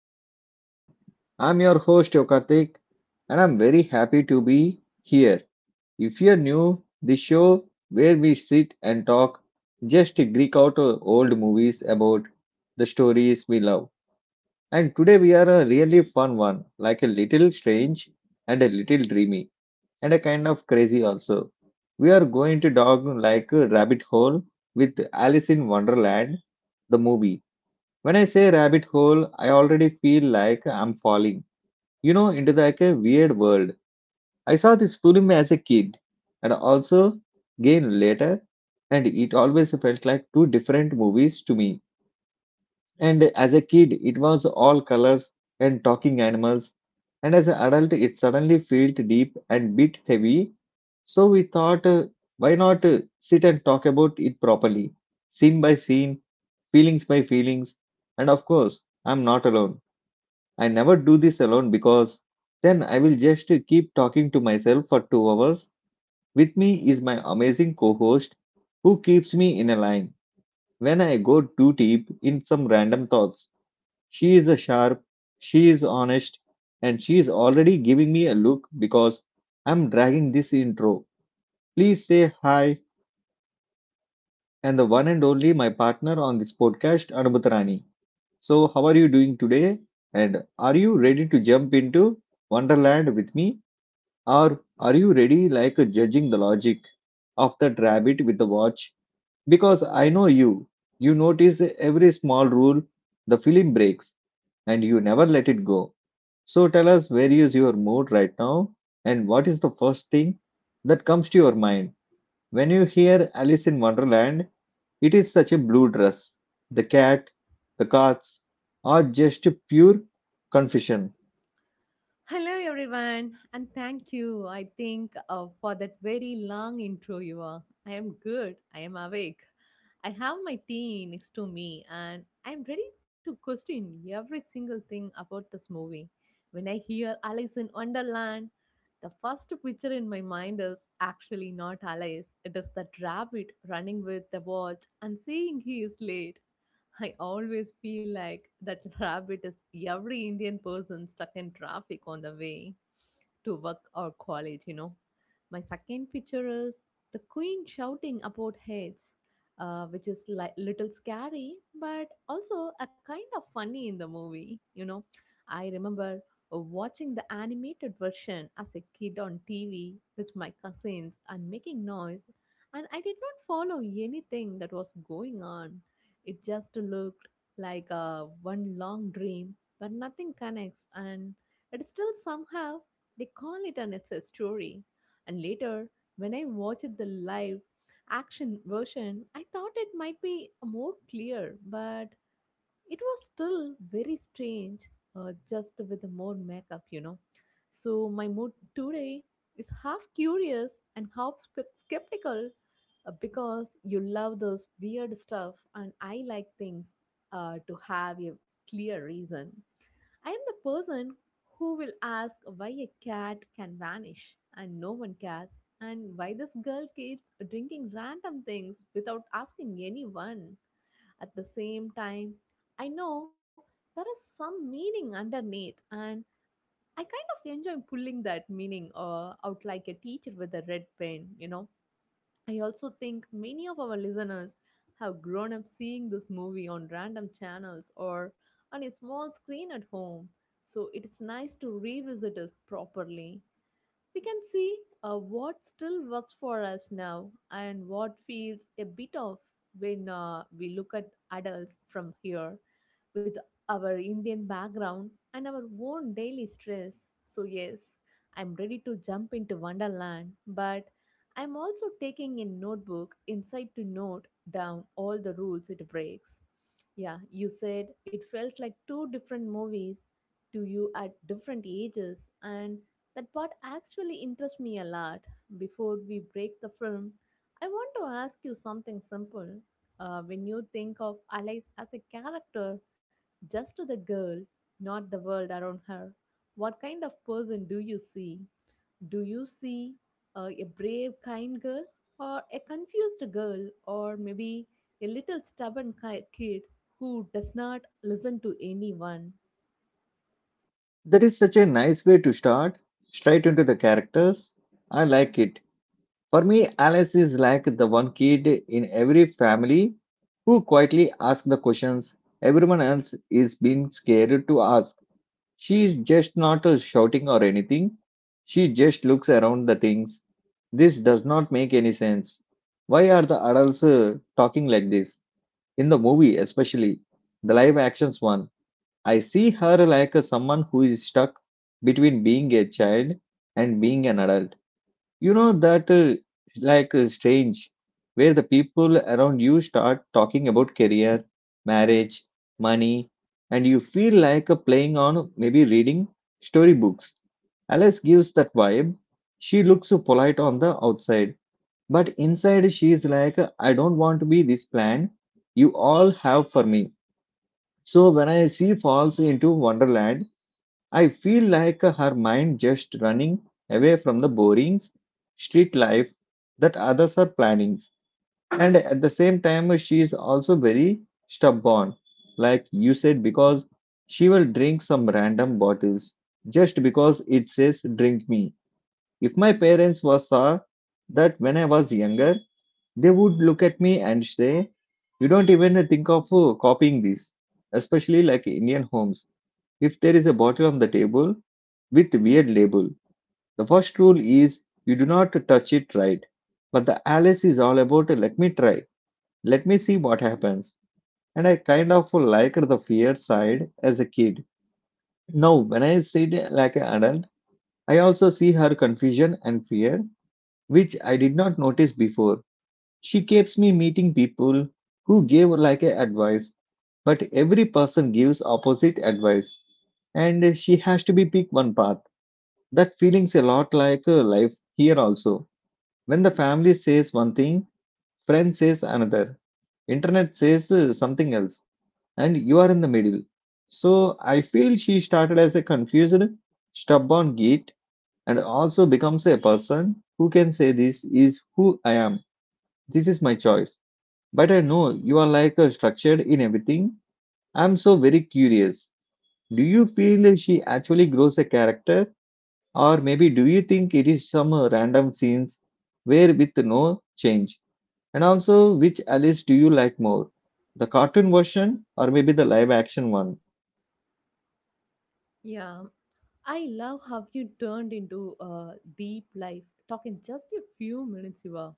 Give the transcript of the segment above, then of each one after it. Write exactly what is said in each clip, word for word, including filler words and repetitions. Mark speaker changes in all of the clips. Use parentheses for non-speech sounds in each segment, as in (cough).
Speaker 1: of Entertainment. I'm your host Yokartik, and I'm very happy to be here. If you're new, this show where we sit and talk, just Greek out uh, old movies about the stories we love. And today we are a really fun one, like a little strange and a little dreamy and a kind of crazy also. We are going to dog like a rabbit hole with Alice in Wonderland, the movie. When I say rabbit hole, I already feel like I'm falling, you know, into like a weird world. I saw this film as a kid and also again later, and it always felt like two different movies to me. And as a kid, it was all colors and talking animals, and as an adult, it suddenly felt deep and bit heavy. So we thought, uh, why not uh, sit and talk about it properly, scene by scene, feelings by feelings, and of course, I'm not alone. I never do this alone because then I will just keep talking to myself for two hours. With me is my amazing co host who keeps me in a line when I go too deep in some random thoughts. She is a sharp, she is honest, and she is already giving me a look because I'm dragging this intro. Please say hi and the one and only my partner on this podcast, Anubhutarani. So, how are you doing today? And are you ready to jump into Wonderland with me? Or are you ready, like judging the logic of that rabbit with the watch? Because I know you. You notice every small rule the film breaks, and you never let it go. So tell us, where is your mood right now, and what is the first thing that comes to your mind when you hear Alice in Wonderland? It is such a blue dress, the cat, the cats, or just pure confusion.
Speaker 2: Hello, everyone, and thank you I think uh, for that very long intro. You are. I am good. I am awake. I have my tea next to me, and I'm ready to question every single thing about this movie. When I hear Alice in Wonderland, the first picture in my mind is actually not Alice. It is that rabbit running with the watch and saying he is late. I always feel like that (laughs) rabbit is every Indian person stuck in traffic on the way to work or college, you know. My second picture is the queen shouting about heads, uh, which is like little scary, but also a kind of funny in the movie, you know. I remember watching the animated version as a kid on T V with my cousins and making noise, and I did not follow anything that was going on. It just looked like a one long dream, but nothing connects, and it still somehow they call it an success story. And later, when I watched the live action version, I thought it might be more clear, but it was still very strange, uh, just with more makeup, you know. So, my mood today is half curious and half spe- skeptical uh, because you love those weird stuff, and I like things uh, to have a clear reason. I am the person who will ask why a cat can vanish and no one cares, and why this girl keeps drinking random things without asking anyone. At the same time, I know there is some meaning underneath, and I kind of enjoy pulling that meaning uh, out like a teacher with a red pen, you know. I also think many of our listeners have grown up seeing this movie on random channels or on a small screen at home. So it is nice to revisit it properly. We can see uh, what still works for us now and what feels a bit off when uh, we look at adults from here with our Indian background and our own daily stress. So, yes, I'm ready to jump into Wonderland, but I'm also taking a notebook inside to note down all the rules it breaks. Yeah, you said it felt like two different movies to you at different ages, and that part actually interests me a lot. Before we break the film, I want to ask you something simple. Uh, when you think of Alice as a character, just to the girl, not the world around her. What kind of person do you see? Do you see uh, a brave, kind girl, or a confused girl, or maybe a little stubborn ki- kid who does not listen to anyone?
Speaker 1: That is such a nice way to start, straight into the characters. I like it. For me, Alice is like the one kid in every family who quietly asks the questions everyone else is being scared to ask. She is just not uh, shouting or anything. She just looks around the things. This does not make any sense. Why are the adults uh, talking like this? In the movie, especially the live actions one, I see her like a someone who is stuck between being a child and being an adult. You know that uh, like uh, strange where the people around you start talking about career, marriage, money, and you feel like uh, playing on maybe reading storybooks. Alice gives that vibe. She looks so polite on the outside, but inside she is like, I don't want to be this plan you all have for me. So when I see falls into Wonderland, I feel like her mind just running away from the boring street life that others are planning. And at the same time, she is also very stubborn, like you said, because she will drink some random bottles just because it says drink me. If my parents were saw that when I was younger, they would look at me and say, you don't even think of uh, copying this, especially like Indian homes. If there is a bottle on the table, with weird label. The first rule is you do not touch it, right? But the Alice is all about let me try, let me see what happens. And I kind of liked the fear side as a kid. Now, when I see it like an adult, I also see her confusion and fear, which I did not notice before. She keeps me meeting people who gave like a advice, but every person gives opposite advice, and she has to be pick one path. That feeling's a lot like uh, life here also. When the family says one thing, friend says another, internet says uh, something else, and you are in the middle. So I feel she started as a confused, stubborn git and also becomes a person who can say this is who I am. This is my choice. But I know you are like uh, structured in everything. I'm so very curious. Do you feel she actually grows a character? Or maybe do you think it is some uh, random scenes where with no change? And also, which Alice do you like more? The cartoon version or maybe the live action one?
Speaker 2: Yeah, I love how you turned into a deep life talk in just a few minutes, Siva.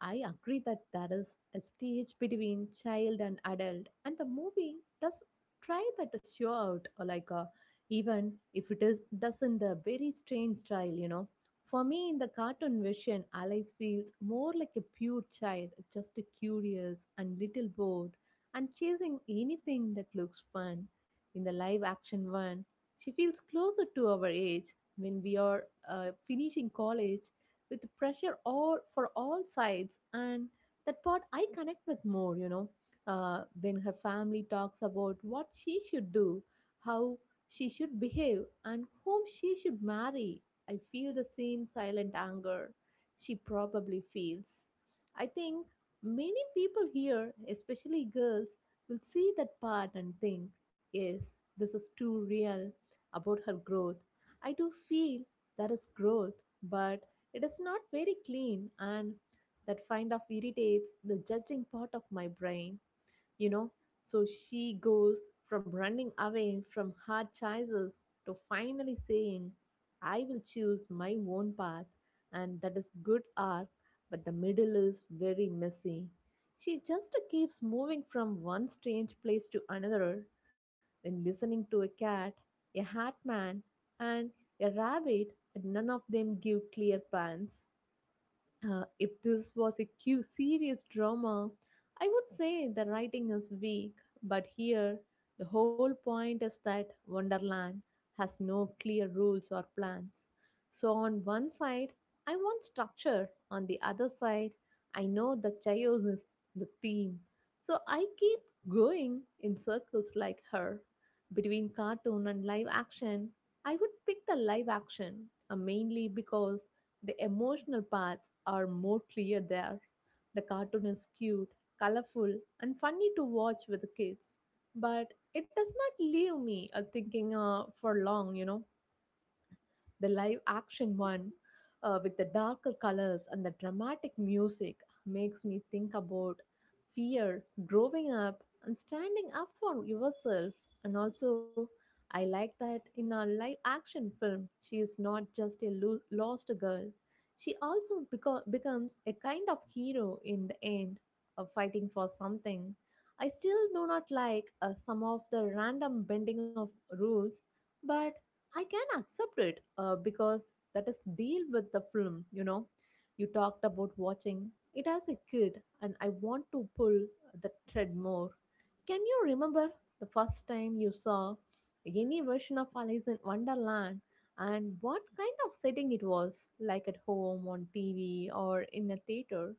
Speaker 2: I agree that that is a stage between child and adult, and the movie does try that to show out, or like a even if it is does in the very strange style, you know. For me, in the cartoon version, Alice feels more like a pure child, just curious and little bored, and chasing anything that looks fun. In the live action one, she feels closer to our age when we are uh, finishing college with pressure all for all sides and that part I connect with more, you know uh, when her family talks about what she should do, how she should behave and whom she should marry. I feel the same silent anger she probably feels. I think many people here, especially girls, will see that part and think, yes, this is too real. About her growth, I do feel there is growth, but it is not very clean, and that kind of irritates the judging part of my brain, you know. So she goes from running away from hard choices to finally saying, I will choose my own path, and that is good art, but the middle is very messy. She just keeps moving from one strange place to another, then listening to a cat, a hat man, and a rabbit, and none of them give clear plans. Uh, if this was a cu- serious drama, I would say the writing is weak, but here the whole point is that Wonderland has no clear rules or plans. So, on one side, I want structure, on the other side, I know the chaos is the theme. So, I keep going in circles like her. Between cartoon and live action, I would pick the live action uh, mainly because the emotional parts are more clear there. The cartoon is cute, colorful, and funny to watch with the kids, but it does not leave me uh, thinking uh, for long, you know. The live action one, uh, with the darker colors and the dramatic music, makes me think about fear, growing up, and standing up for yourself. And also, I like that in a live action film, she is not just a lo- lost girl. She also beco- becomes a kind of hero in the end of fighting for something. I still do not like uh, some of the random bending of rules, but I can accept it uh, because that is deal with the film, you know. You talked about watching it as a kid, and I want to pull the thread more. Can you remember the first time you saw any version of Alice in Wonderland and what kind of setting it was, like at home, on T V, or in a theater?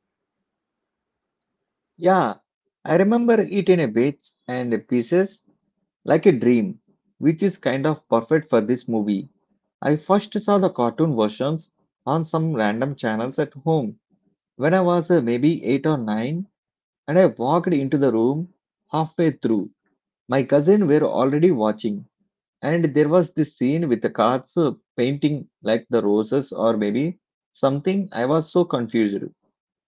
Speaker 1: Yeah, I remember it in a bits and pieces like a dream, which is kind of perfect for this movie. I first saw the cartoon versions on some random channels at home when I was uh, maybe eight or nine, and I walked into the room halfway through. My cousin were already watching. And there was this scene with the cats uh, painting like the roses or maybe something. I was so confused.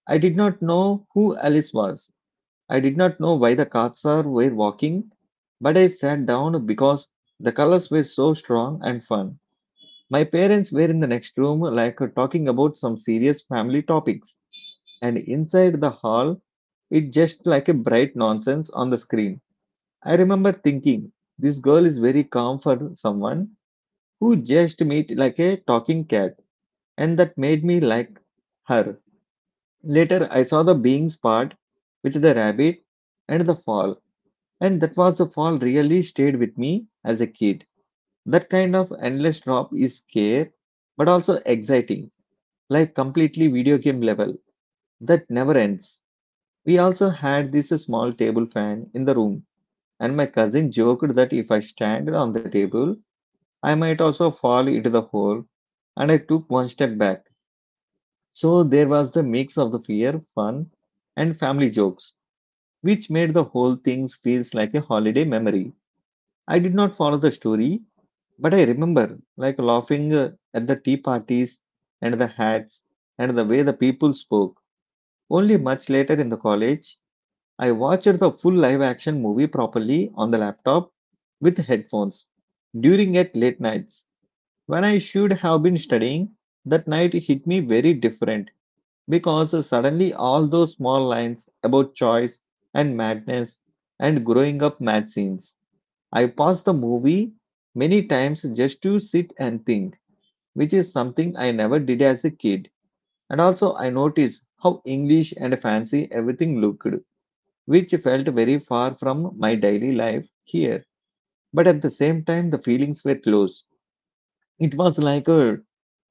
Speaker 1: I did not know who Alice was. I did not know why the cats are were walking, but I sat down because the colors were so strong and fun. My parents were in the next room, like uh, talking about some serious family topics, and inside the hall it just like a bright nonsense on the screen. I remember thinking this girl is very calm for someone who just meet like a talking cat, and that made me like her. Later, I saw the beings part with the rabbit and the fall, and that was the fall really stayed with me as a kid. That kind of endless drop is scare, but also exciting, like completely video game level that never ends. We also had this small table fan in the room, and my cousin joked that if I stand on the table, I might also fall into the hole, and I took one step back. So there was the mix of the fear, fun, and family jokes, which made the whole thing feels like a holiday memory. I did not follow the story, but I remember like laughing uh, at the tea parties and the hats and the way the people spoke. Only much later in the college, I watched the full live action movie properly on the laptop with headphones during at late nights when I should have been studying. That night hit me very different because suddenly all those small lines about choice and madness and growing up mad scenes. I paused the movie many times just to sit and think, which is something I never did as a kid. And also, I noticed how English and fancy everything looked, which felt very far from my daily life here. But at the same time, the feelings were close. It was like a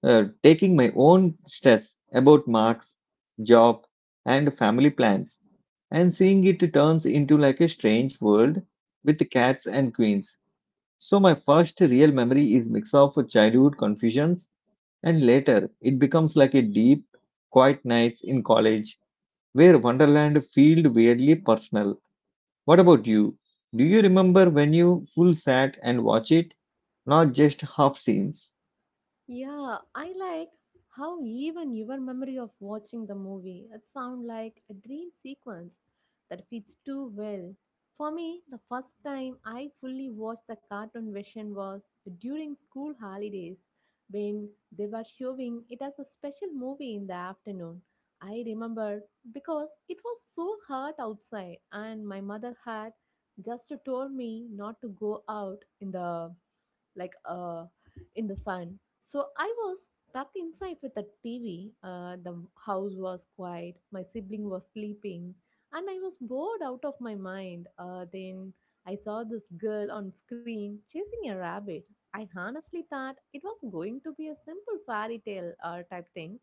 Speaker 1: uh, taking my own stress about marks, job, and family plans, and seeing it turns into like a strange world with cats and queens. So my first real memory is mix of childhood confusions, and later it becomes like a deep, quiet nights in college where Wonderland felt weirdly personal. What about you? Do you remember when you full sat and watch it, not just half scenes?
Speaker 2: Yeah, I like how even your memory of watching the movie it sound like a dream sequence that fits too well. For me, the first time I fully watched the cartoon version was during school holidays when they were showing it as a special movie in the afternoon. I remember because it was so hot outside and my mother had just told me not to go out in the like uh in the sun. So I was tucked inside with the TV. Uh, the house was quiet, my sibling was sleeping, and I was bored out of my mind. Uh, then I saw this girl on screen chasing a rabbit. I honestly thought it was going to be a simple fairy tale uh, type thing,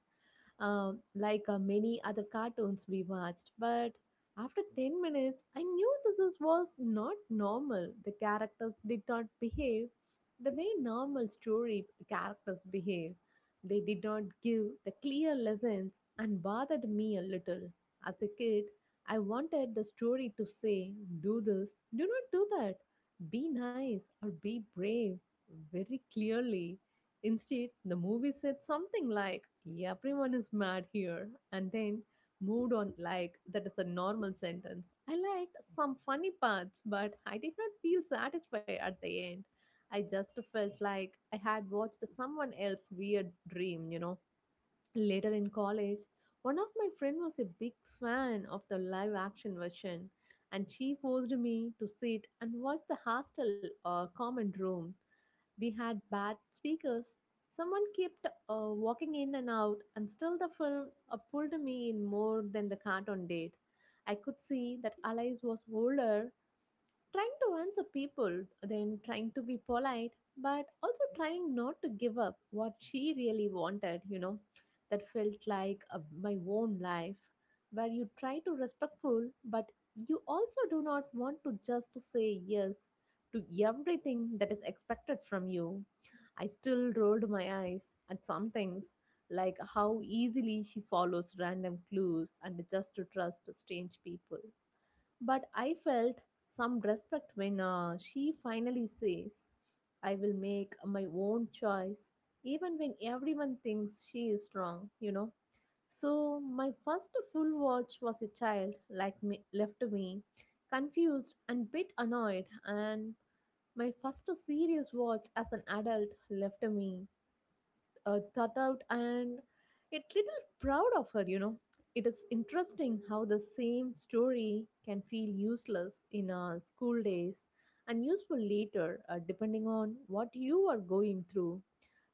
Speaker 2: um, like uh, many other cartoons we watched. But after ten minutes, I knew this is, was not normal. The characters did not behave the way normal story characters behave. They did not give the clear lessons and bothered me a little. As a kid, I wanted the story to say, do this, do not do that, be nice, or be brave very clearly. Instead, the movie said something like, everyone is mad here, and then moved on like that is a normal sentence. I liked some funny parts, but I did not feel satisfied at the end. I just felt like I had watched someone else's weird dream, you know. Later in college, one of my friend was a big fan of the live action version and she forced me to sit and watch the hostel uh, common room. We had bad speakers. Someone kept uh, walking in and out, and still the film uh, pulled me in more than the cartoon did. I could see that Alice was older, trying to answer people, then trying to be polite, but also trying not to give up what she really wanted, you know, that felt like a, my own life, where you try to respectful, but you also do not want to just to say yes to everything that is expected from you. I still rolled my eyes at some things, like how easily she follows random clues and just to trust strange people, but I felt some respect when uh, she finally says, I will make my own choice, even when everyone thinks she is wrong, you know. So my first full watch was a child like me left me confused and bit annoyed, and my first serious watch as an adult left me uh, thought out and yet little proud of her, you know. It is interesting how the same story can feel useless in uh, school days and useful later, uh, depending on what you are going through.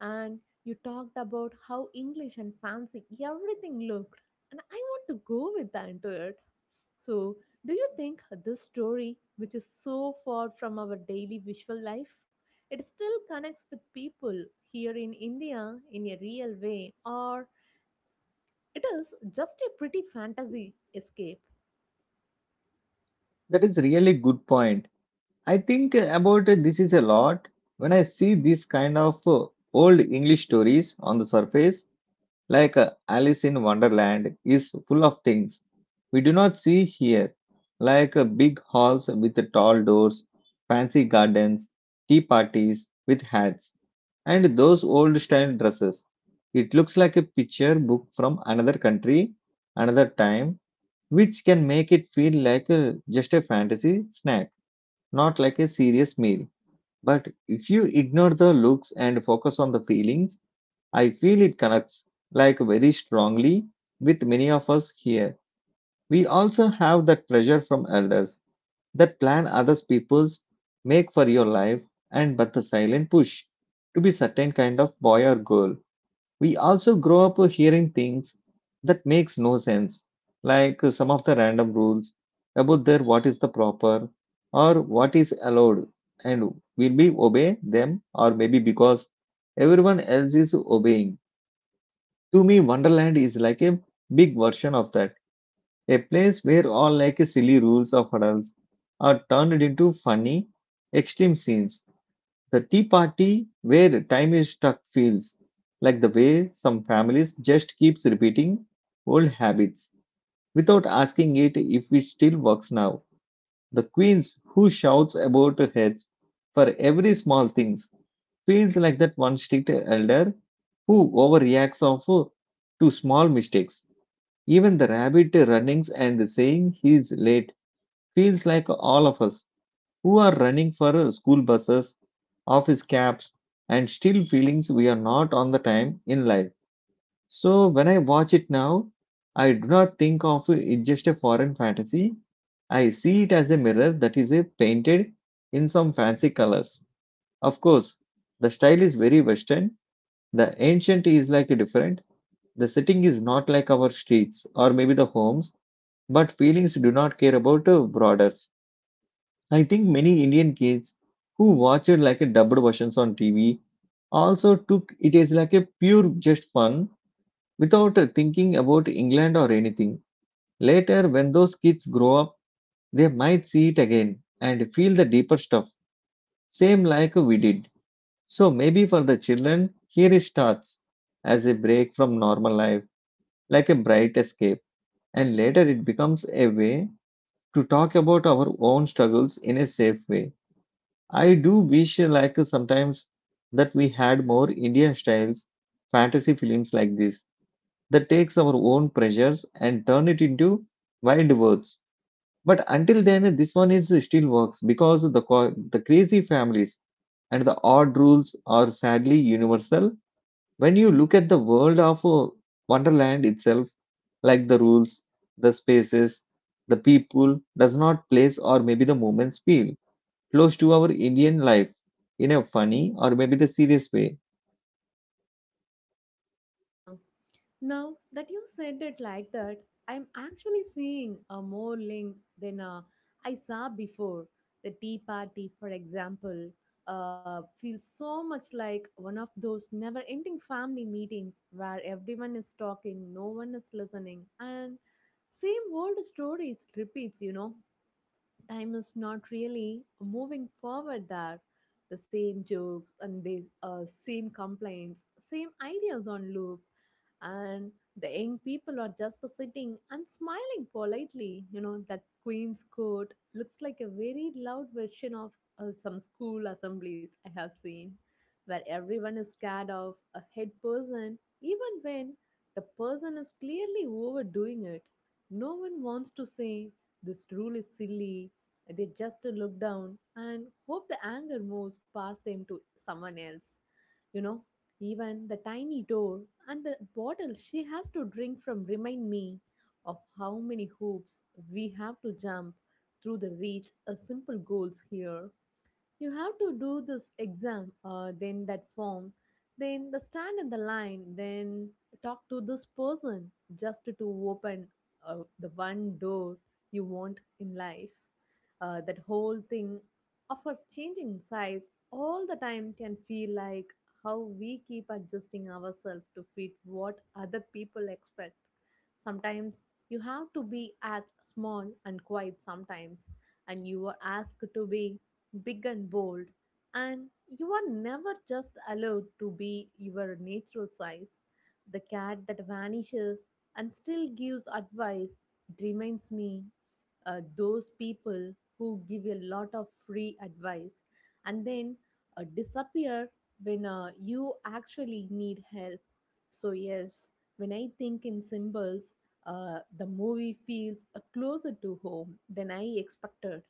Speaker 2: And you talked about how English and fancy everything looked, and I want to go with that into it. So, do you think this story, which is so far from our daily visual life, it still connects with people here in India in a real way, or it is just a pretty fantasy escape?
Speaker 1: That is really good point. I think about this is a lot when I see these kind of uh, old English stories on the surface, like uh, Alice in Wonderland is full of things we do not see here, like uh, big halls with tall doors, fancy gardens, tea parties with hats, and those old style dresses. It looks like a picture book from another country, another time, which can make it feel like uh, just a fantasy snack, not like a serious meal. But if you ignore the looks and focus on the feelings, I feel it connects like very strongly with many of us here. We also have that pressure from elders that plan others people's make for your life, and but the silent push to be certain kind of boy or girl. We also grow up hearing things that makes no sense, like some of the random rules about their what is the proper or what is allowed, and will we obey them or maybe because everyone else is obeying. To me, Wonderland is like a big version of that, a place where all like silly rules of adults are turned into funny extreme scenes. The tea party where time is stuck feels like the way some families just keeps repeating old habits without asking it if it still works now. The queens who shouts about her heads for every small things feels like that one strict elder who overreacts of uh, to small mistakes. Even the rabbit runnings and saying he's late feels like all of us who are running for uh, school buses, office cabs, and still feelings we are not on the time in life. So when I watch it now, I do not think of it just a foreign fantasy. I see it as a mirror that is uh, painted in some fancy colors. Of course, the style is very Western. The ancient is like a different. The setting is not like our streets or maybe the homes, but feelings do not care about uh, borders. I think many Indian kids who watch it like a dubbed versions on T V also took it as like a pure just fun without uh, thinking about England or anything. Later, when those kids grow up, they might see it again and feel the deeper stuff, same like we did. So maybe for the children, here it starts as a break from normal life, like a bright escape, and later it becomes a way to talk about our own struggles in a safe way. I do wish uh, like uh, sometimes that we had more Indian styles fantasy films like this that takes our own pressures and turn it into wild words. But until then, uh, this one is uh, still works because the co- the crazy families and the odd rules are sadly universal. When you look at the world of uh, Wonderland itself, like the rules, the spaces, the people does not place or maybe the moments feel close to our Indian life in a funny or maybe the serious way.
Speaker 2: Now that you said it like that, I'm actually seeing uh, more links than uh, I saw before. The Tea Party, for example, uh, feels so much like one of those never ending family meetings where everyone is talking, no one is listening, and same old stories repeats, you know time is not really moving forward there. The same jokes and the uh, same complaints, same ideas on loop, and the young people are just sitting and smiling politely. You know, that Queen's Court looks like a very loud version of uh, some school assemblies I have seen, where everyone is scared of a head person, even when the person is clearly overdoing it. No one wants to say this rule is silly. They just look down and hope the anger moves past them to someone else. You know, even the tiny door and the bottle she has to drink from remind me of how many hoops we have to jump through the reach of simple goals here. You have to do this exam, uh, then that form, then the stand in the line, then talk to this person just to open uh, the one door you want in life. Uh, that whole thing of a changing size all the time can feel like how we keep adjusting ourselves to fit what other people expect. Sometimes you have to be act small and quiet sometimes, and you are asked to be big and bold, and you are never just allowed to be your natural size. The cat that vanishes and still gives advice reminds me uh, those people who give a lot of free advice and then uh, disappear when uh, you actually need help. So, yes, when I think in symbols, uh, the movie feels uh, closer to home than I expected.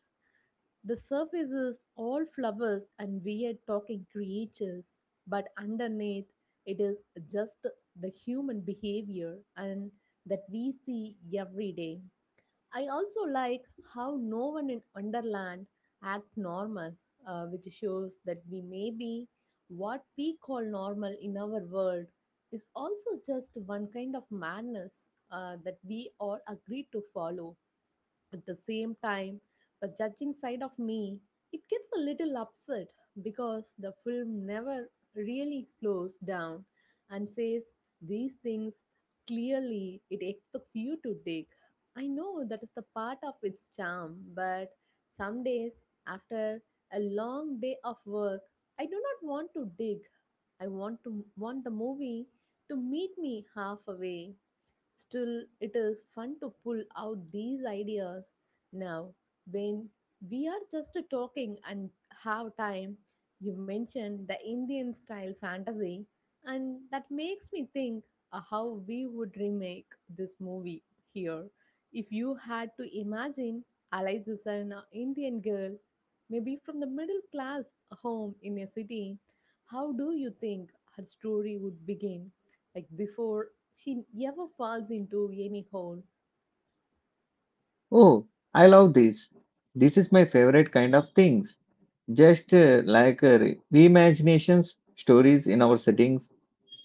Speaker 2: The surface is all flowers and weird talking creatures, but underneath it is just the human behavior and that we see every day. I also like how no one in Wonderland act normal, uh, which shows that we may be what we call normal in our world is also just one kind of madness uh, that we all agree to follow. At the same time, the judging side of me, it gets a little upset because the film never really slows down and says these things clearly. It expects you to dig. I know that is the part of its charm, but some days after a long day of work, I do not want to dig. I want to want the movie to meet me halfway. Still, it is fun to pull out these ideas now when we are just talking and have time. You mentioned the Indian style fantasy, and that makes me think uh, how we would remake this movie here. If you had to imagine Alice is an uh, Indian girl, maybe from the middle class home in a city, how do you think her story would begin? Like before she ever falls into any hole.
Speaker 1: Oh, I love this. This is my favorite kind of things. Just uh, like uh, re- reimaginations, stories in our settings.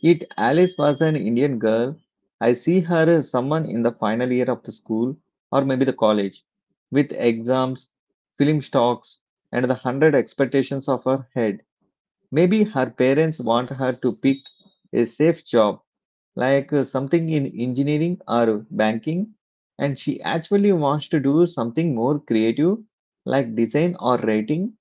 Speaker 1: It Alice was an Indian girl. I see her as someone in the final year of the school or maybe the college with exams, film stocks, and the hundred expectations of her head. Maybe her parents want her to pick a safe job like uh, something in engineering or banking, and she actually wants to do something more creative, like design or writing,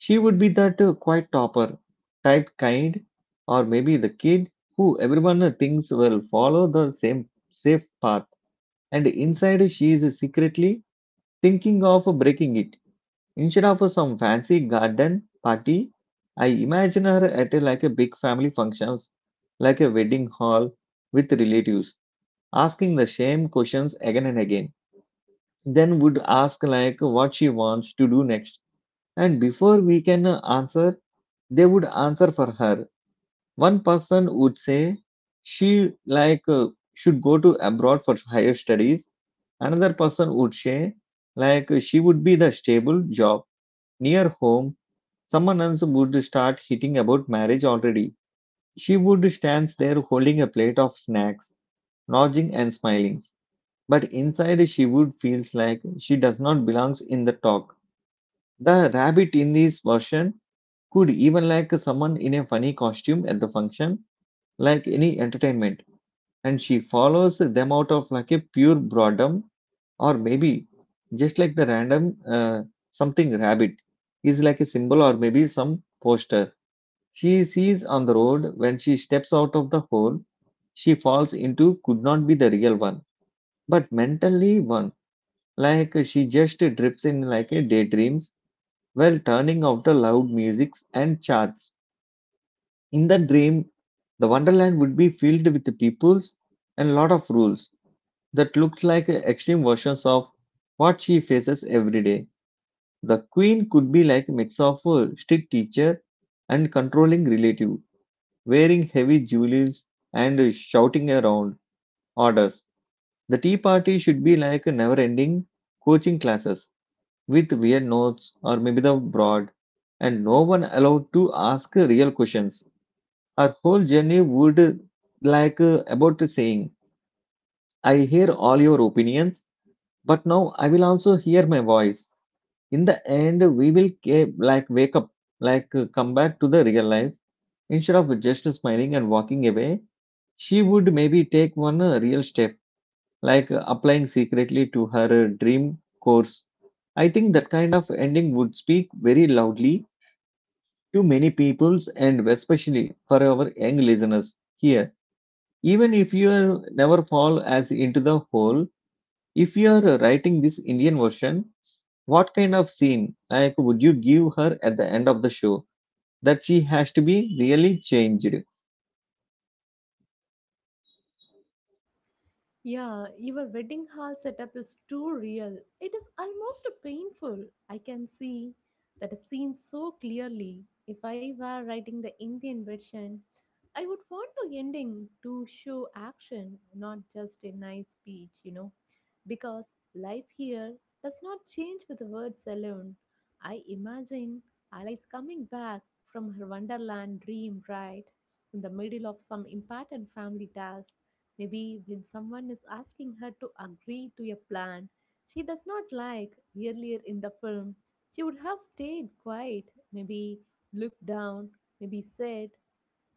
Speaker 1: she would be that uh, quiet topper type kind, or maybe the kid who everyone uh, thinks will follow the same safe path, and inside she is secretly thinking of breaking it. Instead of some fancy garden party, I imagine her at uh, like a big family functions, like a wedding hall with relatives asking the same questions again and again. Then would ask like what she wants to do next. And before we can answer, they would answer for her. One person would say she like uh, should go to abroad for higher studies. Another person would say like she would be the stable job near home. Someone else would start hitting about marriage already. She would stands there holding a plate of snacks, nodding and smiling, but inside she would feels like she does not belongs in the talk. The rabbit in this version could even like someone in a funny costume at the function, like any entertainment, and she follows them out of like a pure boredom, or maybe just like the random uh, something rabbit is like a symbol or maybe some poster she sees on the road when she steps out of the hole she falls into could not be the real one but mentally one, like she just drifts in like a daydreams while turning out the loud musics and charts. In the dream, the wonderland would be filled with the peoples and lot of rules that looks like extreme versions of what she faces every day. The queen could be like a mix of a strict teacher and controlling relative, wearing heavy jewels and shouting around orders. The tea party should be like never-ending coaching classes with weird notes or maybe the broad, and no one allowed to ask real questions. Our whole journey would like uh, about saying, I hear all your opinions, but now I will also hear my voice. In the end, we will ke- like wake up, like uh, come back to the real life. Instead of just smiling and walking away, she would maybe take one uh, real step, like uh, applying secretly to her uh, dream course. I think that kind of ending would speak very loudly to many peoples and especially for our young listeners here. Even if you are never fall as into the hole, if you are writing this Indian version, what kind of scene like would you give her at the end of the show that she has to be really changed?
Speaker 2: Yeah, your wedding hall setup is too real. It is almost painful. I can see that scene so clearly. If I were writing the Indian version, I would want to ending to show action, not just a nice speech, you know, because life here does not change with words alone. I imagine Alice coming back from her wonderland dream, right, in the middle of some important family task. Maybe when someone is asking her to agree to a plan she does not like, earlier in the film, she would have stayed quiet, maybe looked down, maybe said,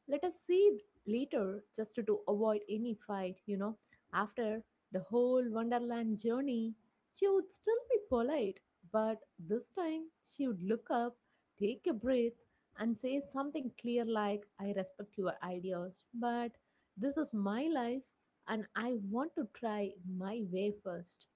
Speaker 2: let us see it later, just to avoid any fight, you know. After the whole Wonderland journey, she would still be polite, but this time she would look up, take a breath, and say something clear like, I respect your ideas, but this is my life and I want to try my way first.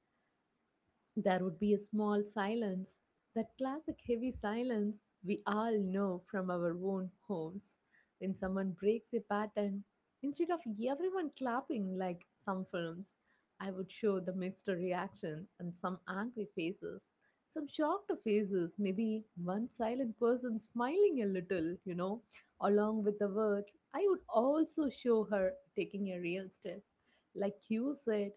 Speaker 2: There would be a small silence, that classic heavy silence we all know from our own homes. When someone breaks a pattern, instead of everyone clapping like some films, I would show the mixed reactions and some angry faces, some shocked faces, maybe one silent person smiling a little, you know. Along with the words, I would also show her taking a real step, like you said,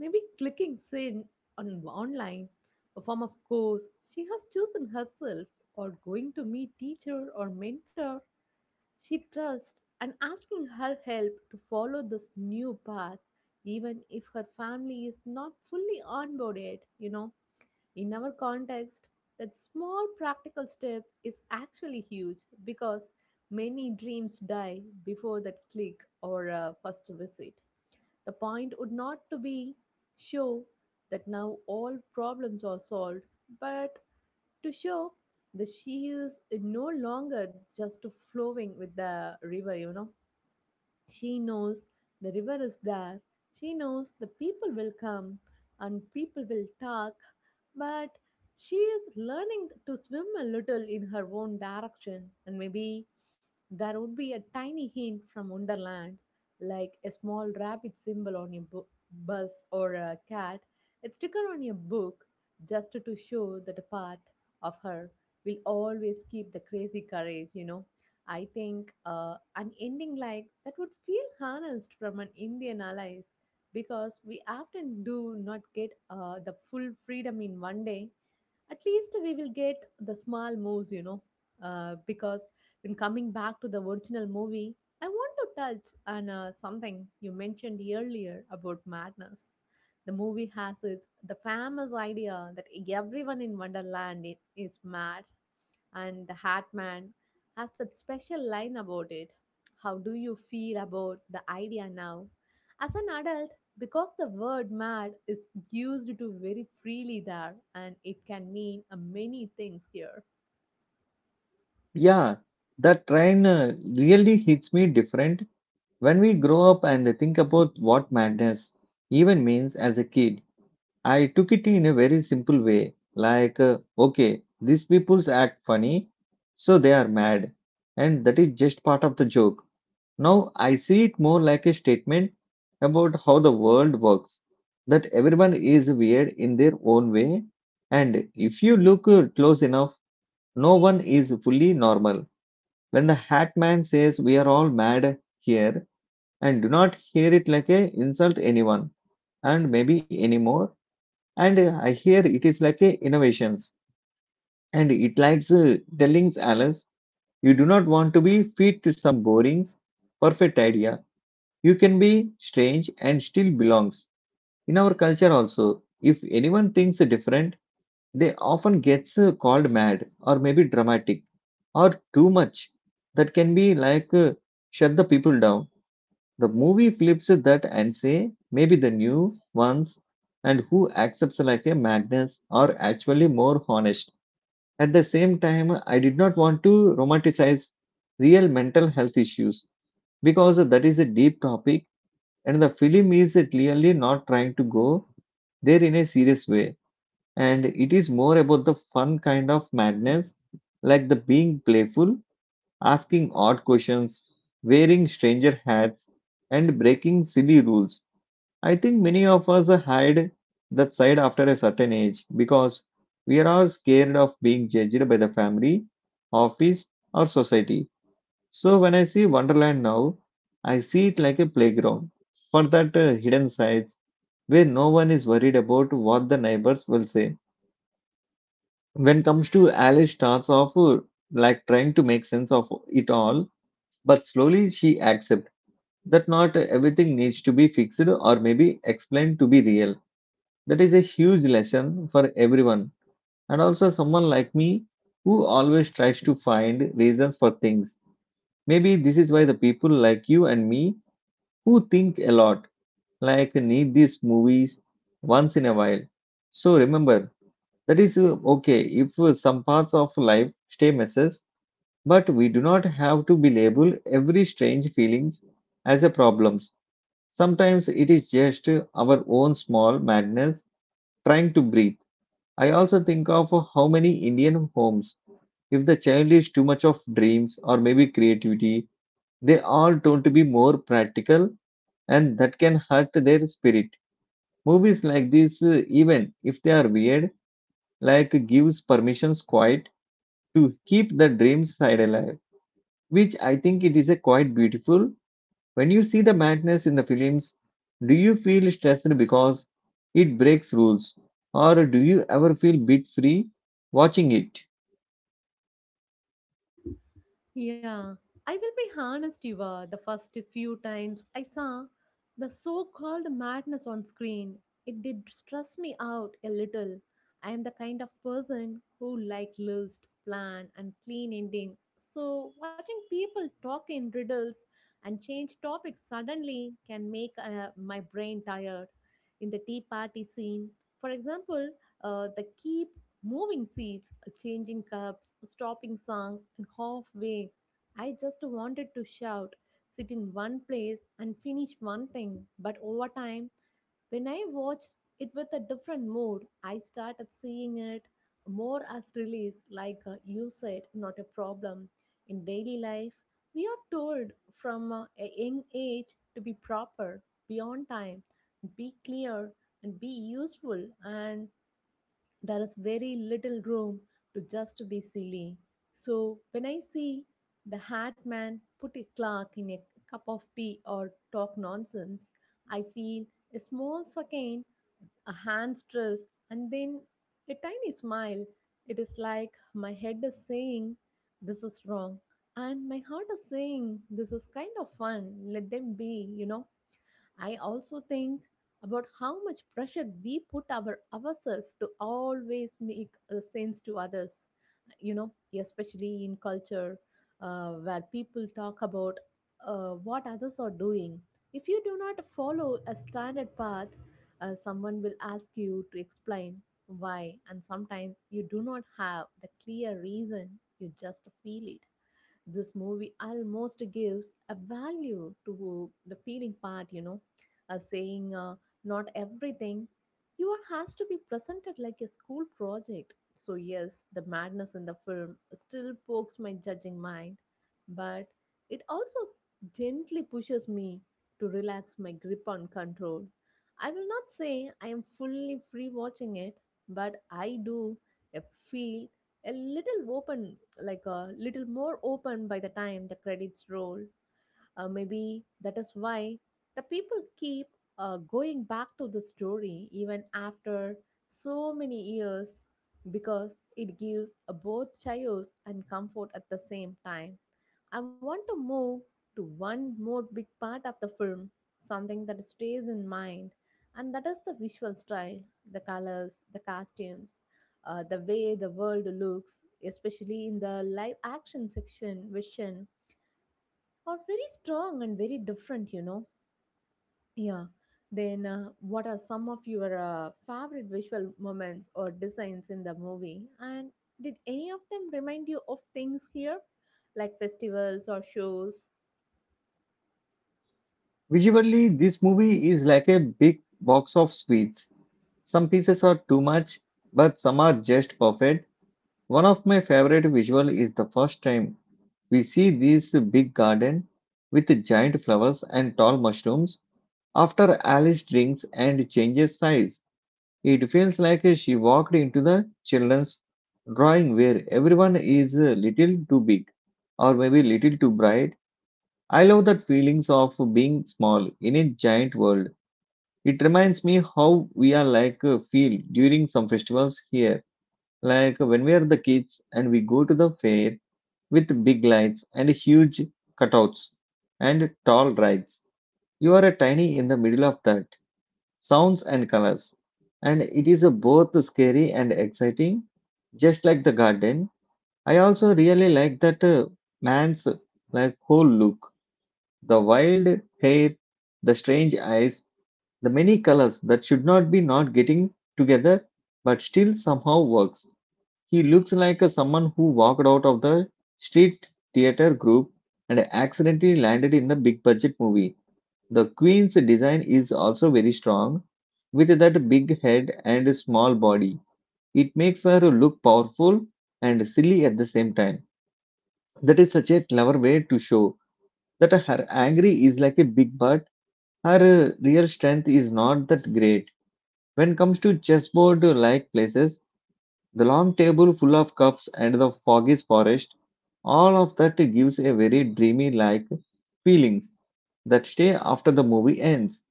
Speaker 2: maybe clicking send on online, a form of course she has chosen herself, or going to meet teacher or mentor she trusts, and asking her help to follow this new path, even if her family is not fully onboarded. You know, in our context, that small practical step is actually huge because many dreams die before that click or uh, first visit. The point would not to be show that now all problems are solved, but to show that she is no longer just flowing with the river, you know. She knows the river is there. She knows the people will come and people will talk. But she is learning to swim a little in her own direction. And maybe there would be a tiny hint from Wonderland, like a small rabbit symbol on a bu- bus or a cat, a sticker on a book, just to show that a part of her will always keep the crazy courage, you know. I think uh, an ending like that would feel harnessed from an Indian allies because we often do not get uh, the full freedom in one day. At least we will get the small moves, you know. Uh, because when coming back to the original movie, I want to touch on uh, something you mentioned earlier about madness. The movie has its the famous idea that everyone in Wonderland i- is mad, and the Hat Man has that special line about it. How do you feel about the idea now? As an adult, because the word mad is used to very freely there and it can mean uh, many things here.
Speaker 1: Yeah, that train uh, really hits me different when we grow up and think about what madness even means as a kid. I took it in a very simple way like, uh, okay, these people's act funny, so they are mad, and that is just part of the joke. Now I see it more like a statement about how the world works, that everyone is weird in their own way, and if you look uh, close enough, no one is fully normal. When the hat man says we are all mad here, and do not hear it like a insult anyone and maybe anymore and uh, I hear it is like a innovations, and it likes uh, telling Alice, you do not want to be fit to some boring, perfect idea. You can be strange and still belongs. In our culture also, if anyone thinks different, they often gets uh, called mad or maybe dramatic or too much. That can be like uh, shut the people down. The movie flips that and say maybe the new ones and who accepts like a madness are actually more honest. At the same time, I did not want to romanticize real mental health issues because that is a deep topic and the film is clearly not trying to go there in a serious way. And it is more about the fun kind of madness, like the being playful, asking odd questions, wearing stranger hats, and breaking silly rules. I think many of us hide that side after a certain age because we are all scared of being judged by the family, office, or society. So when I see Wonderland now, I see it like a playground for that uh, hidden sides where no one is worried about what the neighbors will say. When comes to Alice starts off uh, like trying to make sense of it all, but slowly she accepts that not everything needs to be fixed or maybe explained to be real. That is a huge lesson for everyone, and also someone like me who always tries to find reasons for things. Maybe this is why the people like you and me who think a lot, like need these movies once in a while. So remember, that is uh, okay if uh, some parts of life stay messes, but we do not have to be labeled every strange feelings as a problems. Sometimes it is just uh, our own small madness trying to breathe. I also think of how many Indian homes, if the child is too much of dreams or maybe creativity, they are told to be more practical and that can hurt their spirit. Movies like this, uh, even if they are weird, like gives permissions quite to keep the dream side alive, which I think it is a quite beautiful. When you see the madness in the films, do you feel stressed because it breaks rules or do you ever feel bit free watching it?
Speaker 2: Yeah, I will be honest, Eva. The first few times I saw the so called madness on screen, it did stress me out a little. I am the kind of person who like list, plan, and clean endings. So, watching people talk in riddles and change topics suddenly can make uh, my brain tired. In the tea party scene, for example, uh, the keep moving seats, changing cups, stopping songs, and halfway I just wanted to shout, sit in one place, and finish one thing. But over time, when I watched it with a different mood, I started seeing it more as release, like uh, you said, not a problem. In daily life, we are told from uh, a young age to be proper, beyond time, be clear, and be useful. And there is very little room to just be silly. So when I see the hat man put a clock in a cup of tea or talk nonsense, I feel a small second, a hand stress, and then a tiny smile. It is like my head is saying, this is wrong. And my heart is saying, this is kind of fun. Let them be, you know. I also think about how much pressure we put our ourselves to always make a sense to others. You know, especially in culture uh, where people talk about uh, what others are doing. If you do not follow a standard path, uh, someone will ask you to explain why, and sometimes you do not have the clear reason. You just feel it. This movie almost gives a value to the feeling part, you know, uh, saying uh, not everything you are has to be presented like a school project. So yes, the madness in the film still pokes my judging mind, but it also gently pushes me to relax my grip on control. I will not say I am fully free watching it, but I do uh, feel a little open, like a little more open by the time the credits roll. Uh, maybe that is why the people keep uh, going back to the story even after so many years because it gives a both chaos and comfort at the same time. I want to move to one more big part of the film, something that stays in mind, and that is the visual style, the colors, the costumes, uh, the way the world looks, especially in the live action section, vision are very strong and very different, you know. Yeah. Then, uh, what are some of your uh, favorite visual moments or designs in the movie? And did any of them remind you of things here, like festivals or shows?
Speaker 1: Visually, this movie is like a big box of sweets. Some pieces are too much, but some are just perfect. One of my favorite visual is the first time we see this big garden with giant flowers and tall mushrooms. After Alice drinks and changes size, it feels like she walked into the children's drawing where everyone is a little too big or maybe little too bright. I love that feelings of being small in a giant world. It reminds me how we are like uh, feel during some festivals here, like uh, when we are the kids and we go to the fair with big lights and huge cutouts and tall rides. You are a tiny in the middle of that sounds and colors, and it is a both scary and exciting just like the garden. I also really like that uh, man's like whole look, the wild hair, the strange eyes, the many colors that should not be not getting together but still somehow works. He looks like a someone who walked out of the street theater group and accidentally landed in the big budget movie. The queen's design is also very strong with that big head and small body. It makes her look powerful and silly at the same time. That is such a clever way to show that her angry is like a big but her uh, real strength is not that great. When it comes to chessboard like places, the long table full of cups and the foggy forest, all of that gives a very dreamy like feelings that stay after the movie ends.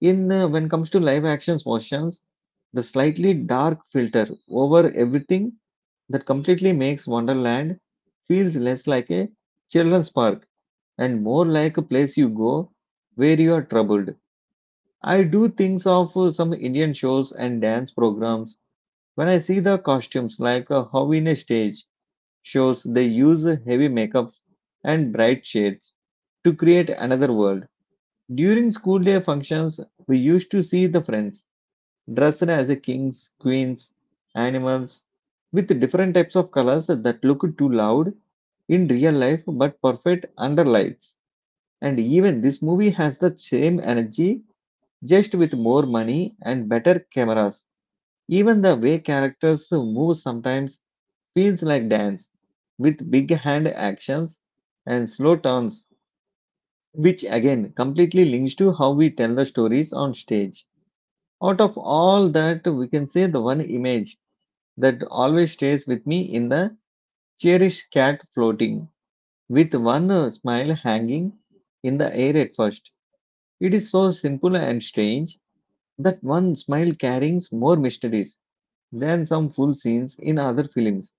Speaker 1: In uh, when it comes to live actions motions, the slightly dark filter over everything that completely makes Wonderland feels less like a children's park and more like a place you go where you are troubled. I do things of uh, some Indian shows and dance programs. When I see the costumes, like uh, how in a stage shows they use heavy makeups and bright shades to create another world. During school day functions, we used to see the friends dressed as a kings, queens, animals with different types of colors that look too loud in real life but perfect under lights. And even this movie has the same energy, just with more money and better cameras. Even the way characters move sometimes feels like dance with big hand actions and slow turns, which again completely links to how we tell the stories on stage. Out of all that, we can say the one image that always stays with me in the cherished cat floating with one uh, smile hanging in the air at first. It is so simple and strange that one smile carries more mysteries than some full scenes in other films.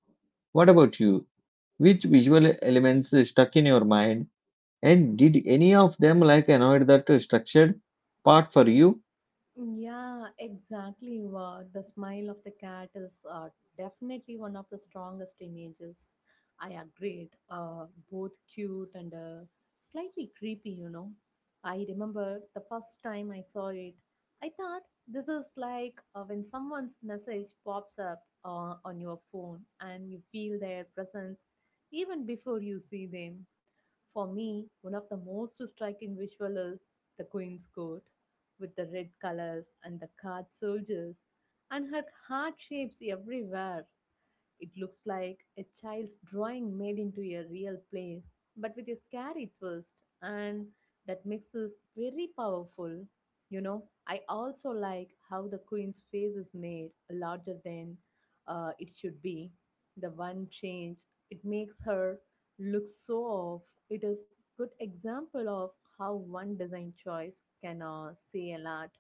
Speaker 1: What about you? Which visual elements stuck in your mind? And did any of them like annoyed that structured part for you?
Speaker 2: Yeah, exactly. Wow. The smile of the cat is uh, definitely one of the strongest images. I agreed. Uh, both cute and uh, slightly creepy, you know. I remember the first time I saw it. I thought this is like uh, when someone's message pops up uh, on your phone and you feel their presence even before you see them. For me, one of the most striking visual is the queen's court with the red colors and the card soldiers and her heart shapes everywhere. It looks like a child's drawing made into a real place, but with a scary twist, and that mix is very powerful. You know, I also like how the queen's face is made larger than uh, it should be. The one change it makes her look so off. It is good example of how one design choice can uh, say a lot.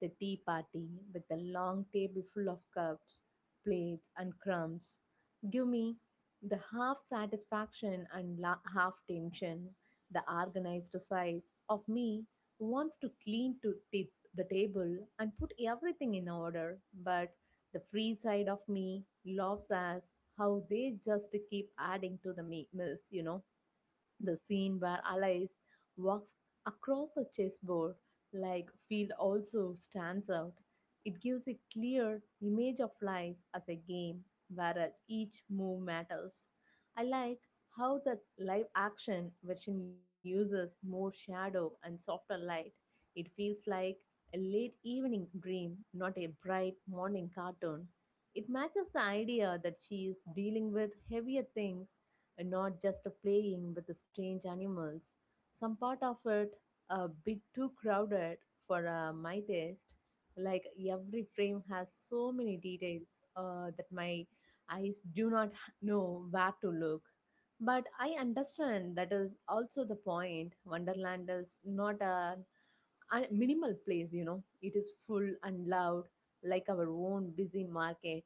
Speaker 2: The tea party with the long table full of cups, plates, and crumbs give me the half satisfaction and la- half tension. The organized size of me wants to clean to t- the table and put everything in order, but the free side of me loves as how they just keep adding to the me- meals, you know The scene where Alice walks across the chessboard like field also stands out. It gives a clear image of life as a game where each move matters. I like how the live action version uses more shadow and softer light. It feels like a late evening dream, not a bright morning cartoon. It matches the idea that she is dealing with heavier things and not just playing with the strange animals. Some part of it a bit too crowded for uh, my taste. Like every frame has so many details uh, that my eyes do not h- know where to look. But I understand that is also the point. Wonderland is not a a minimal place, you know. It is full and loud, like our own busy market.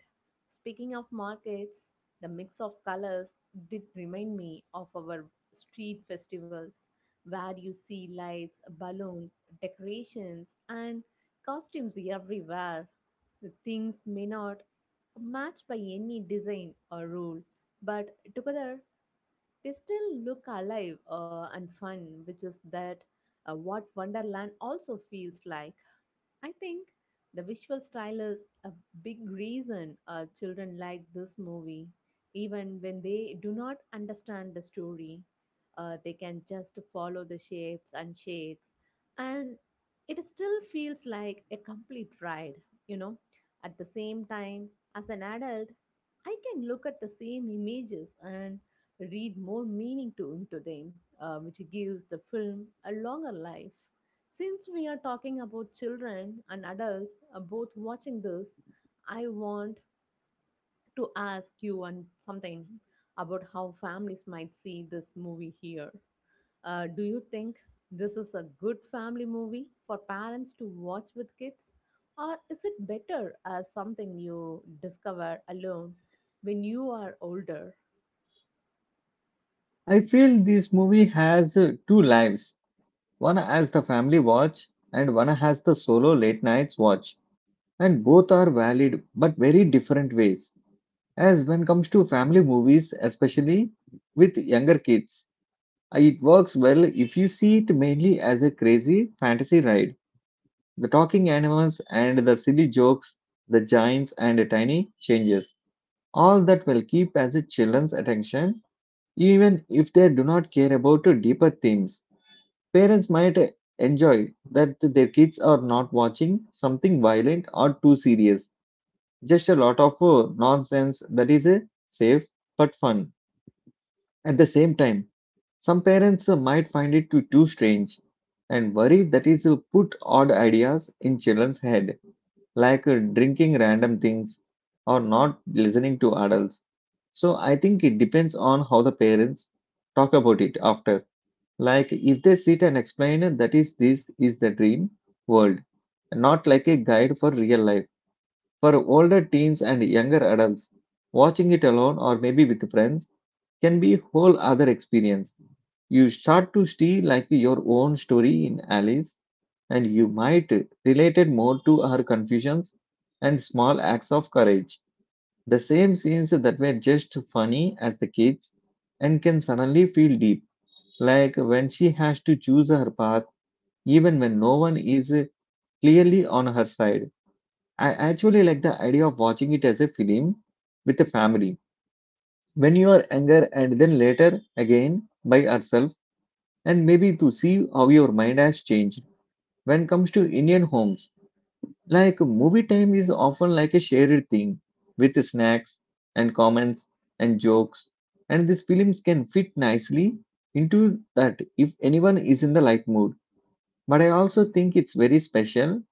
Speaker 2: Speaking of markets, the mix of colors did remind me of our street festivals, where you see lights, balloons, decorations, and costumes everywhere. The things may not match by any design or rule, but together they still look alive uh, and fun, which is that uh, what Wonderland also feels like. I think the visual style is a big reason uh, children like this movie. Even when they do not understand the story, uh, they can just follow the shapes and shades, and it still feels like a complete ride, you know. At the same time, as an adult, I can look at the same images and read more meaning to into them, uh, which gives the film a longer life. Since we are talking about children and adults uh, both watching this, I want to ask you one something about how families might see this movie here. Uh, do you think this is a good family movie for parents to watch with kids, or is it better as something you discover alone when you are older?
Speaker 1: I feel this movie has uh, two lives. One as the family watch and one has the solo late nights watch. And both are valid but very different ways. As when comes to family movies, especially with younger kids, uh, it works well if you see it mainly as a crazy fantasy ride. The talking animals and the silly jokes, the giants and the tiny changes. All that will keep as a children's attention, even if they do not care about the deeper themes. Parents might enjoy that their kids are not watching something violent or too serious. Just a lot of uh, nonsense that is uh, safe but fun. At the same time, some parents uh, might find it too, too strange and worry that is uh, put odd ideas in children's head like uh, drinking random things or not listening to adults. So I think it depends on how the parents talk about it after. Like if they sit and explain uh, that is this is the dream world, not like a guide for real life. For older teens and younger adults, watching it alone or maybe with friends can be whole other experience. You start to see like your own story in Alice, and you might relate it more to her confusions and small acts of courage. The same scenes that were just funny as the kids and can suddenly feel deep, like when she has to choose her path even when no one is clearly on her side. I actually like the idea of watching it as a film with a family when you are younger and then later again by herself and maybe to see how your mind has changed when it comes to Indian homes. Like movie time is often like a shared thing with snacks and comments and jokes, and these films can fit nicely into that if anyone is in the light mood. But I also think it's very special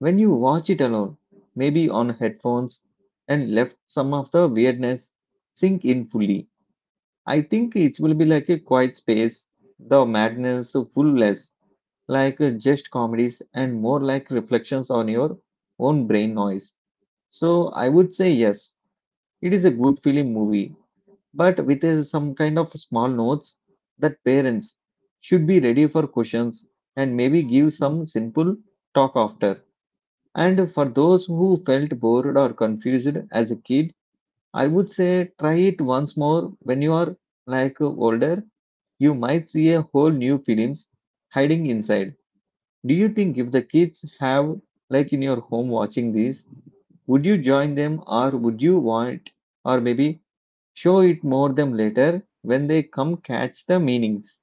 Speaker 1: when you watch it alone, maybe on headphones, and left some of the weirdness sink in fully. I think it will be like a quiet space, the madness full less like uh, just comedies and more like reflections on your own brain noise. So I would say yes, it is a good film movie, but with uh, some kind of small notes that parents should be ready for questions and maybe give some simple talk after. And for those who felt bored or confused as a kid, I would say try it once more when you are like older. You might see a whole new films hiding inside. Do you think if the kids have, like in your home watching this, would you join them or would you want, or maybe show it more them later when they come catch the meanings?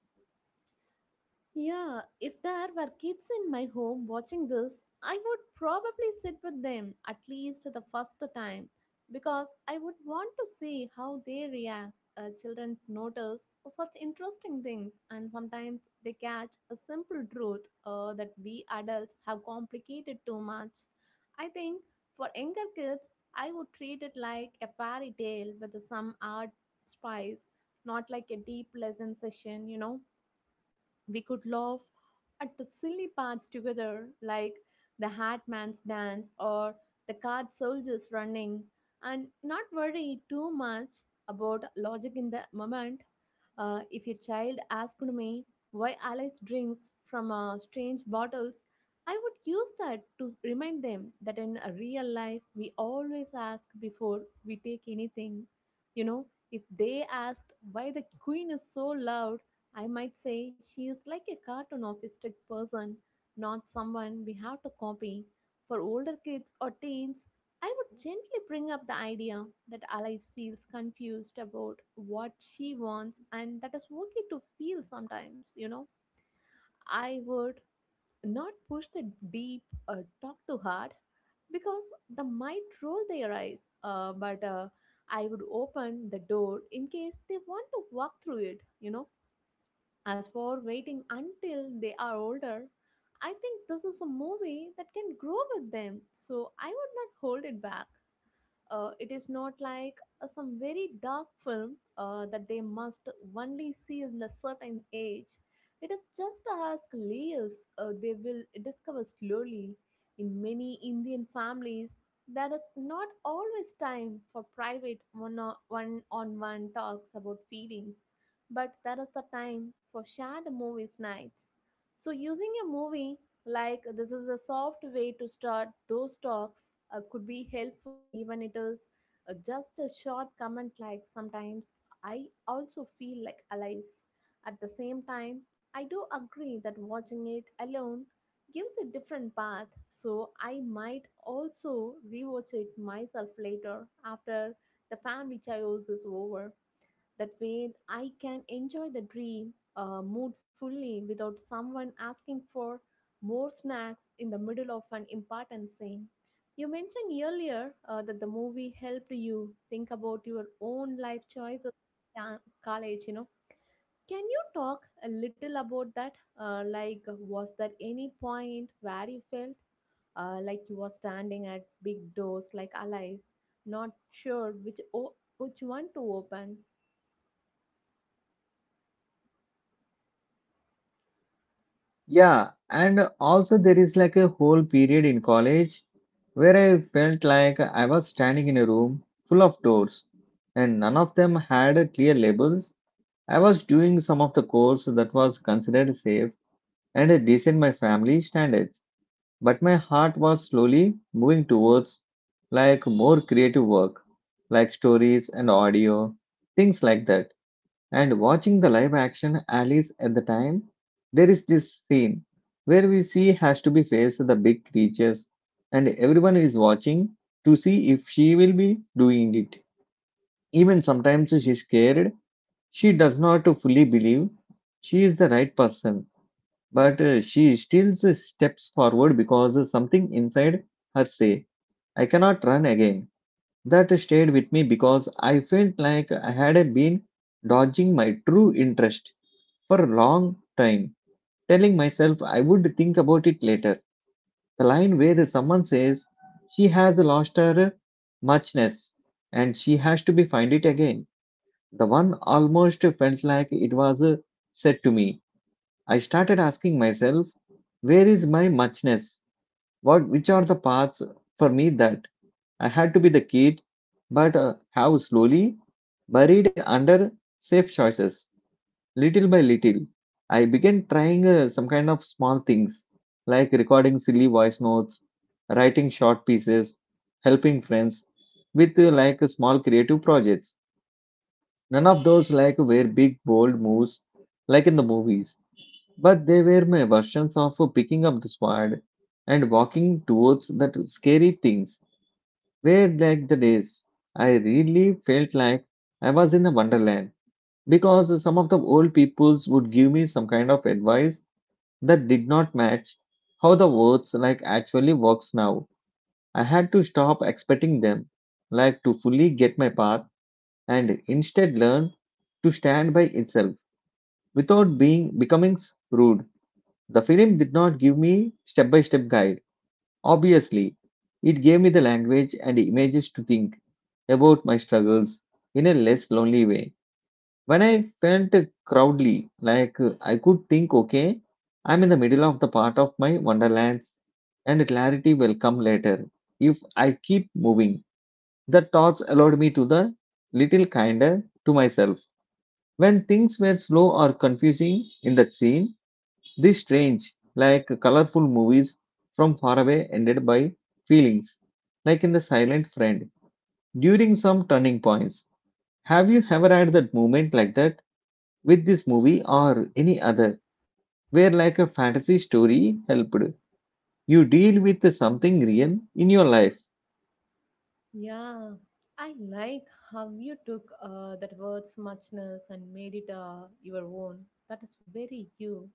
Speaker 2: Yeah, if there were kids in my home watching this, I would probably sit with them at least the first time because I would want to see how they react. Uh, children notice such interesting things, and sometimes they catch a simple truth uh, that we adults have complicated too much. I think for younger kids, I would treat it like a fairy tale with some art spice, not like a deep lesson session, you know. We could laugh at the silly parts together, like the hat man's dance or the card soldiers running, and not worry too much about logic in the moment. Uh, if your child asked me why Alice drinks from uh, strange bottles, I would use that to remind them that in a real life we always ask before we take anything. You know, if they asked why the queen is so loud, I might say she is like a cartoon of a strict person, not someone we have to copy. For older kids or teens, I would gently bring up the idea that Alice feels confused about what she wants and that is okay to feel sometimes, you know. I would not push the deep or talk too hard because they might roll their eyes, uh, but uh, I would open the door in case they want to walk through it, you know. As for waiting until they are older, I think this is a movie that can grow with them, so I would not hold it back. Uh, it is not like uh, some very dark film uh, that they must only see in a certain age. It is just as layers uh, they will discover slowly. In many Indian families, there is not always time for private one on one talks about feelings, but there is a time for shared movies nights. So, using a movie like this is a soft way to start those talks uh, could be helpful even it is uh, just a short comment like sometimes I also feel like allies. At the same time, I do agree that watching it alone gives a different path, so I might also rewatch it myself later after the family chaos is over. That way, I can enjoy the dream uh, mood fully without someone asking for more snacks in the middle of an important scene. You mentioned earlier uh, that the movie helped you think about your own life choices in college, you know. Can you talk a little about that? Uh, like, was there any point where you felt uh, like you were standing at big doors like allies, not sure which o- which one to open?
Speaker 1: Yeah, and also there is like a whole period in college where I felt like I was standing in a room full of doors and none of them had clear labels. I was doing some of the course that was considered safe and decent my family standards. But my heart was slowly moving towards like more creative work, like stories and audio, things like that. And watching the live action Alice at the time, there is this scene where we see has to be faced the big creatures and everyone is watching to see if she will be doing it. Even sometimes she's scared, she does not fully believe she is the right person but uh, she still steps forward because something inside her say I cannot run again. That stayed with me because I felt like I had been dodging my true interest for a long time, telling myself I would think about it later. The line where someone says she has lost her muchness and she has to be find it again, the one almost felt like it was uh, said to me. I started asking myself, where is my muchness? What which are the paths for me that I had to be the kid, but uh, how slowly buried under safe choices. Little by little, I began trying uh, some kind of small things like recording silly voice notes, writing short pieces, helping friends with uh, like small creative projects. None of those like were big bold moves like in the movies, but they were my versions of picking up the sword and walking towards that scary things were like the days. I really felt like I was in a wonderland because some of the old peoples would give me some kind of advice that did not match how the words like actually works now. I had to stop expecting them like to fully get my path and instead learn to stand by itself without being becoming rude. The film did not give me step by step guide. Obviously, it gave me the language and images to think about my struggles in a less lonely way. When I felt proudly, like uh, I could think, okay, I'm in the middle of the part of my wonderlands and clarity will come later if I keep moving. The thoughts allowed me to the little kinder to myself. When things were slow or confusing in that scene, these strange, like colorful movies from far away ended by feelings, like in The Silent Friend, during some turning points. Have you ever had that moment like that with this movie or any other, where like a fantasy story helped you deal with something real in your life?
Speaker 2: Yeah, I like how you took uh, that word's muchness and made it uh, your own. That is very you.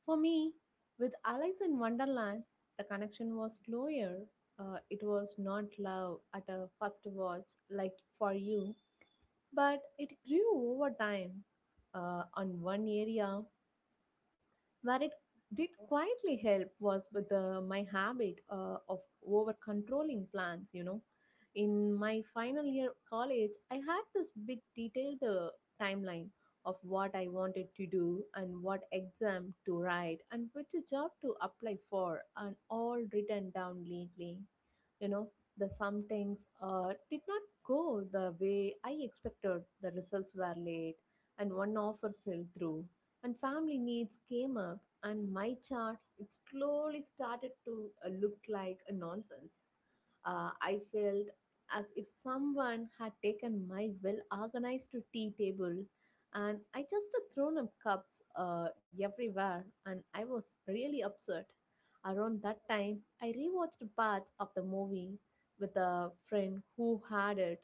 Speaker 2: For me, with Alice in Wonderland, the connection was closer. Uh, it was not love at a first watch, like for you, but it grew over time. Uh, on one area, where it did quietly help was with the, my habit uh, of over controlling plans, you know. In my final year college, I had this big detailed uh, timeline of what I wanted to do and what exam to write and which job to apply for, and all written down neatly, you know. The some things uh, did not go the way I expected. The results were late and one offer fell through and family needs came up and my chart it slowly started to uh, look like a nonsense. Uh, i felt as if someone had taken my well organized tea table and I just uh, thrown up cups uh, everywhere, and I was really upset. Around that time, I rewatched parts of the movie with a friend who had it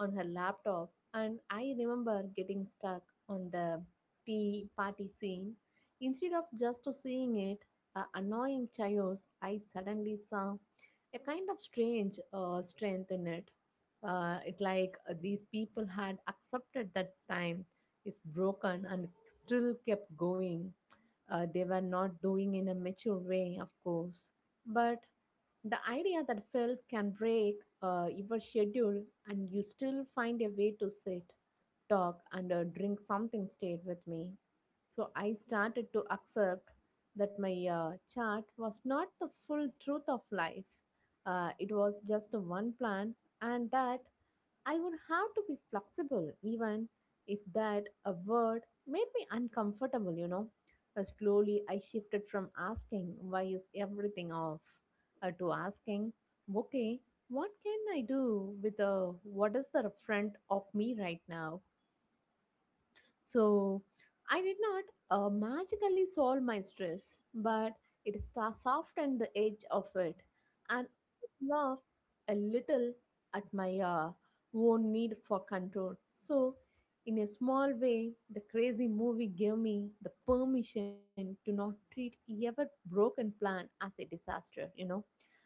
Speaker 2: on her laptop, and I remember getting stuck on the tea party scene. Instead of just to seeing it, a annoying chaos, I suddenly saw a kind of strange uh, strength in it. Uh, it like uh, these people had accepted that time is broken and still kept going. Uh, they were not doing in a mature way, of course. But the idea that film can break uh, your schedule and you still find a way to sit, talk, and uh, drink something stayed with me. So I started to accept that my uh, chart was not the full truth of life. Uh, it was just one plan, and that I would have to be flexible, even if that a word made me uncomfortable, you know. Uh, slowly, I shifted from asking, why is everything off, uh, to asking, okay, what can I do with uh, what is the front of me right now? So I did not uh, magically solve my stress, but it sta- softened the edge of it, and laughed a little at my uh, own need for control. So, in a small way, the crazy movie gave me the permission to not treat every broken plan as a disaster. You know.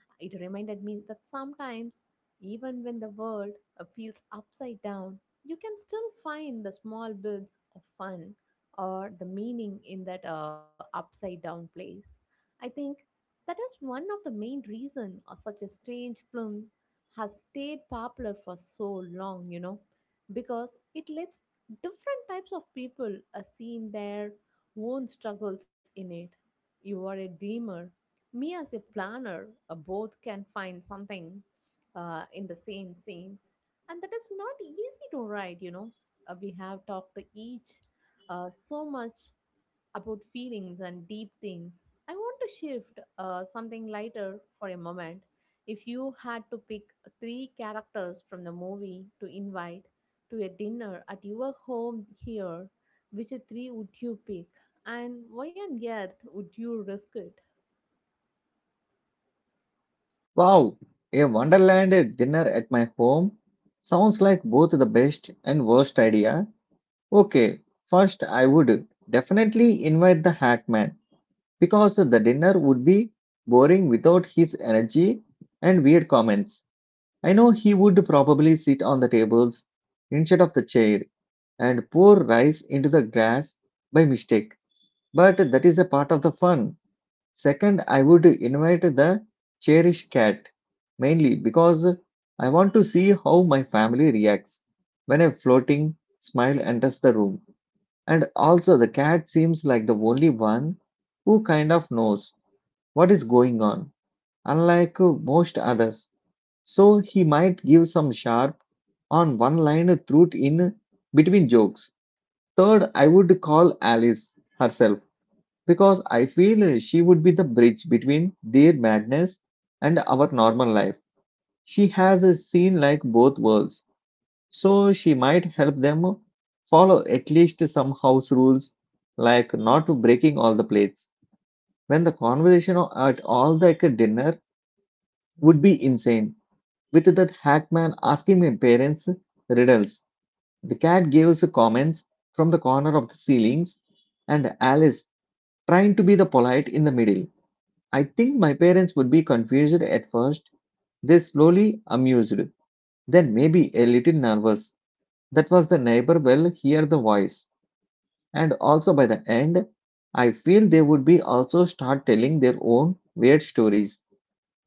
Speaker 2: It reminded me that sometimes, even when the world uh, feels upside down, you can still find the small bits of fun or the meaning in that uh, upside down place. I think that is one of the main reason of such a strange film has stayed popular for so long, you know, because it lets different types of people are seeing their own struggles in it. You are a dreamer, me as a planner, uh, both can find something uh, in the same scenes, and that is not easy to write. You know, uh, we have talked to each uh, so much about feelings and deep things. I want to shift uh, something lighter for a moment. If you had to pick three characters from the movie to invite to a dinner at your home here, which three would you pick, and why on earth would you risk it?
Speaker 1: Wow, a Wonderland dinner at my home sounds like both the best and worst idea. Okay, first I would definitely invite the Hat Man because the dinner would be boring without his energy and weird comments. I know he would probably sit on the tables instead of the chair and pour rice into the glass by mistake, but that is a part of the fun. Second, I would invite the cherished cat mainly because I want to see how my family reacts when a floating smile enters the room. And also, the cat seems like the only one who kind of knows what is going on, unlike uh, most others. So he might give some sharp on one line truth in between jokes. Third, I would call Alice herself because I feel she would be the bridge between their madness and our normal life. She has seen like both worlds, so she might help them follow at least some house rules like not breaking all the plates. When the conversation at all like a dinner would be insane. With that Hackman asking my parents riddles, the cat gives comments from the corner of the ceilings, and Alice trying to be the polite in the middle. I think my parents would be confused at first. They slowly amused, then maybe a little nervous. That was the neighbor will hear the voice. And also by the end, I feel they would be also start telling their own weird stories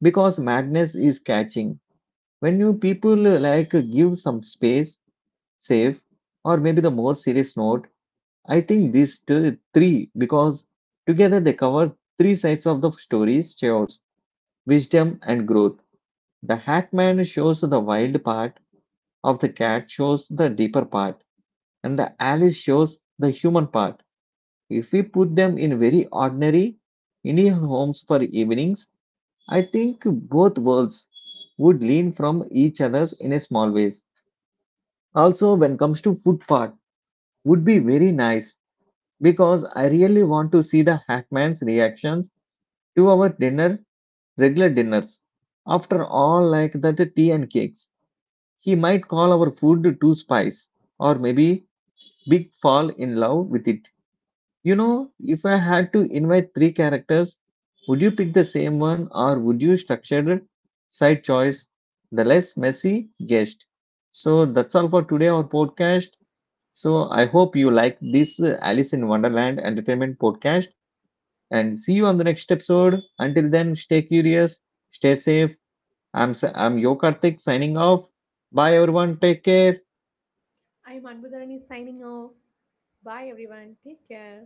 Speaker 1: because madness is catching. When you people uh, like uh, give some space safe or maybe the more serious note, I think these two, three because together they cover three sides of the stories chaos wisdom and growth. The hackman shows the wild part of the cat shows the deeper part and the Alice shows the human part. If we put them in very ordinary Indian homes for evenings, I think both worlds would lean from each others in a small ways. Also, when comes to food part, would be very nice because I really want to see the hackman's reactions to our dinner, regular dinners. After all, like that tea and cakes, he might call our food too spice or maybe big fall in love with it. You know, if I had to invite three characters, would you pick the same one or would you structure side choice the less messy guest? So that's all for today, our podcast. So I hope you like this uh, Alice in Wonderland entertainment podcast and see you on the next episode. Until then, stay curious, stay safe. I'm, s- I'm Yo Karthik signing off. Bye everyone. Take care.
Speaker 2: I'm Anbudharani signing off. Bye everyone. Take care.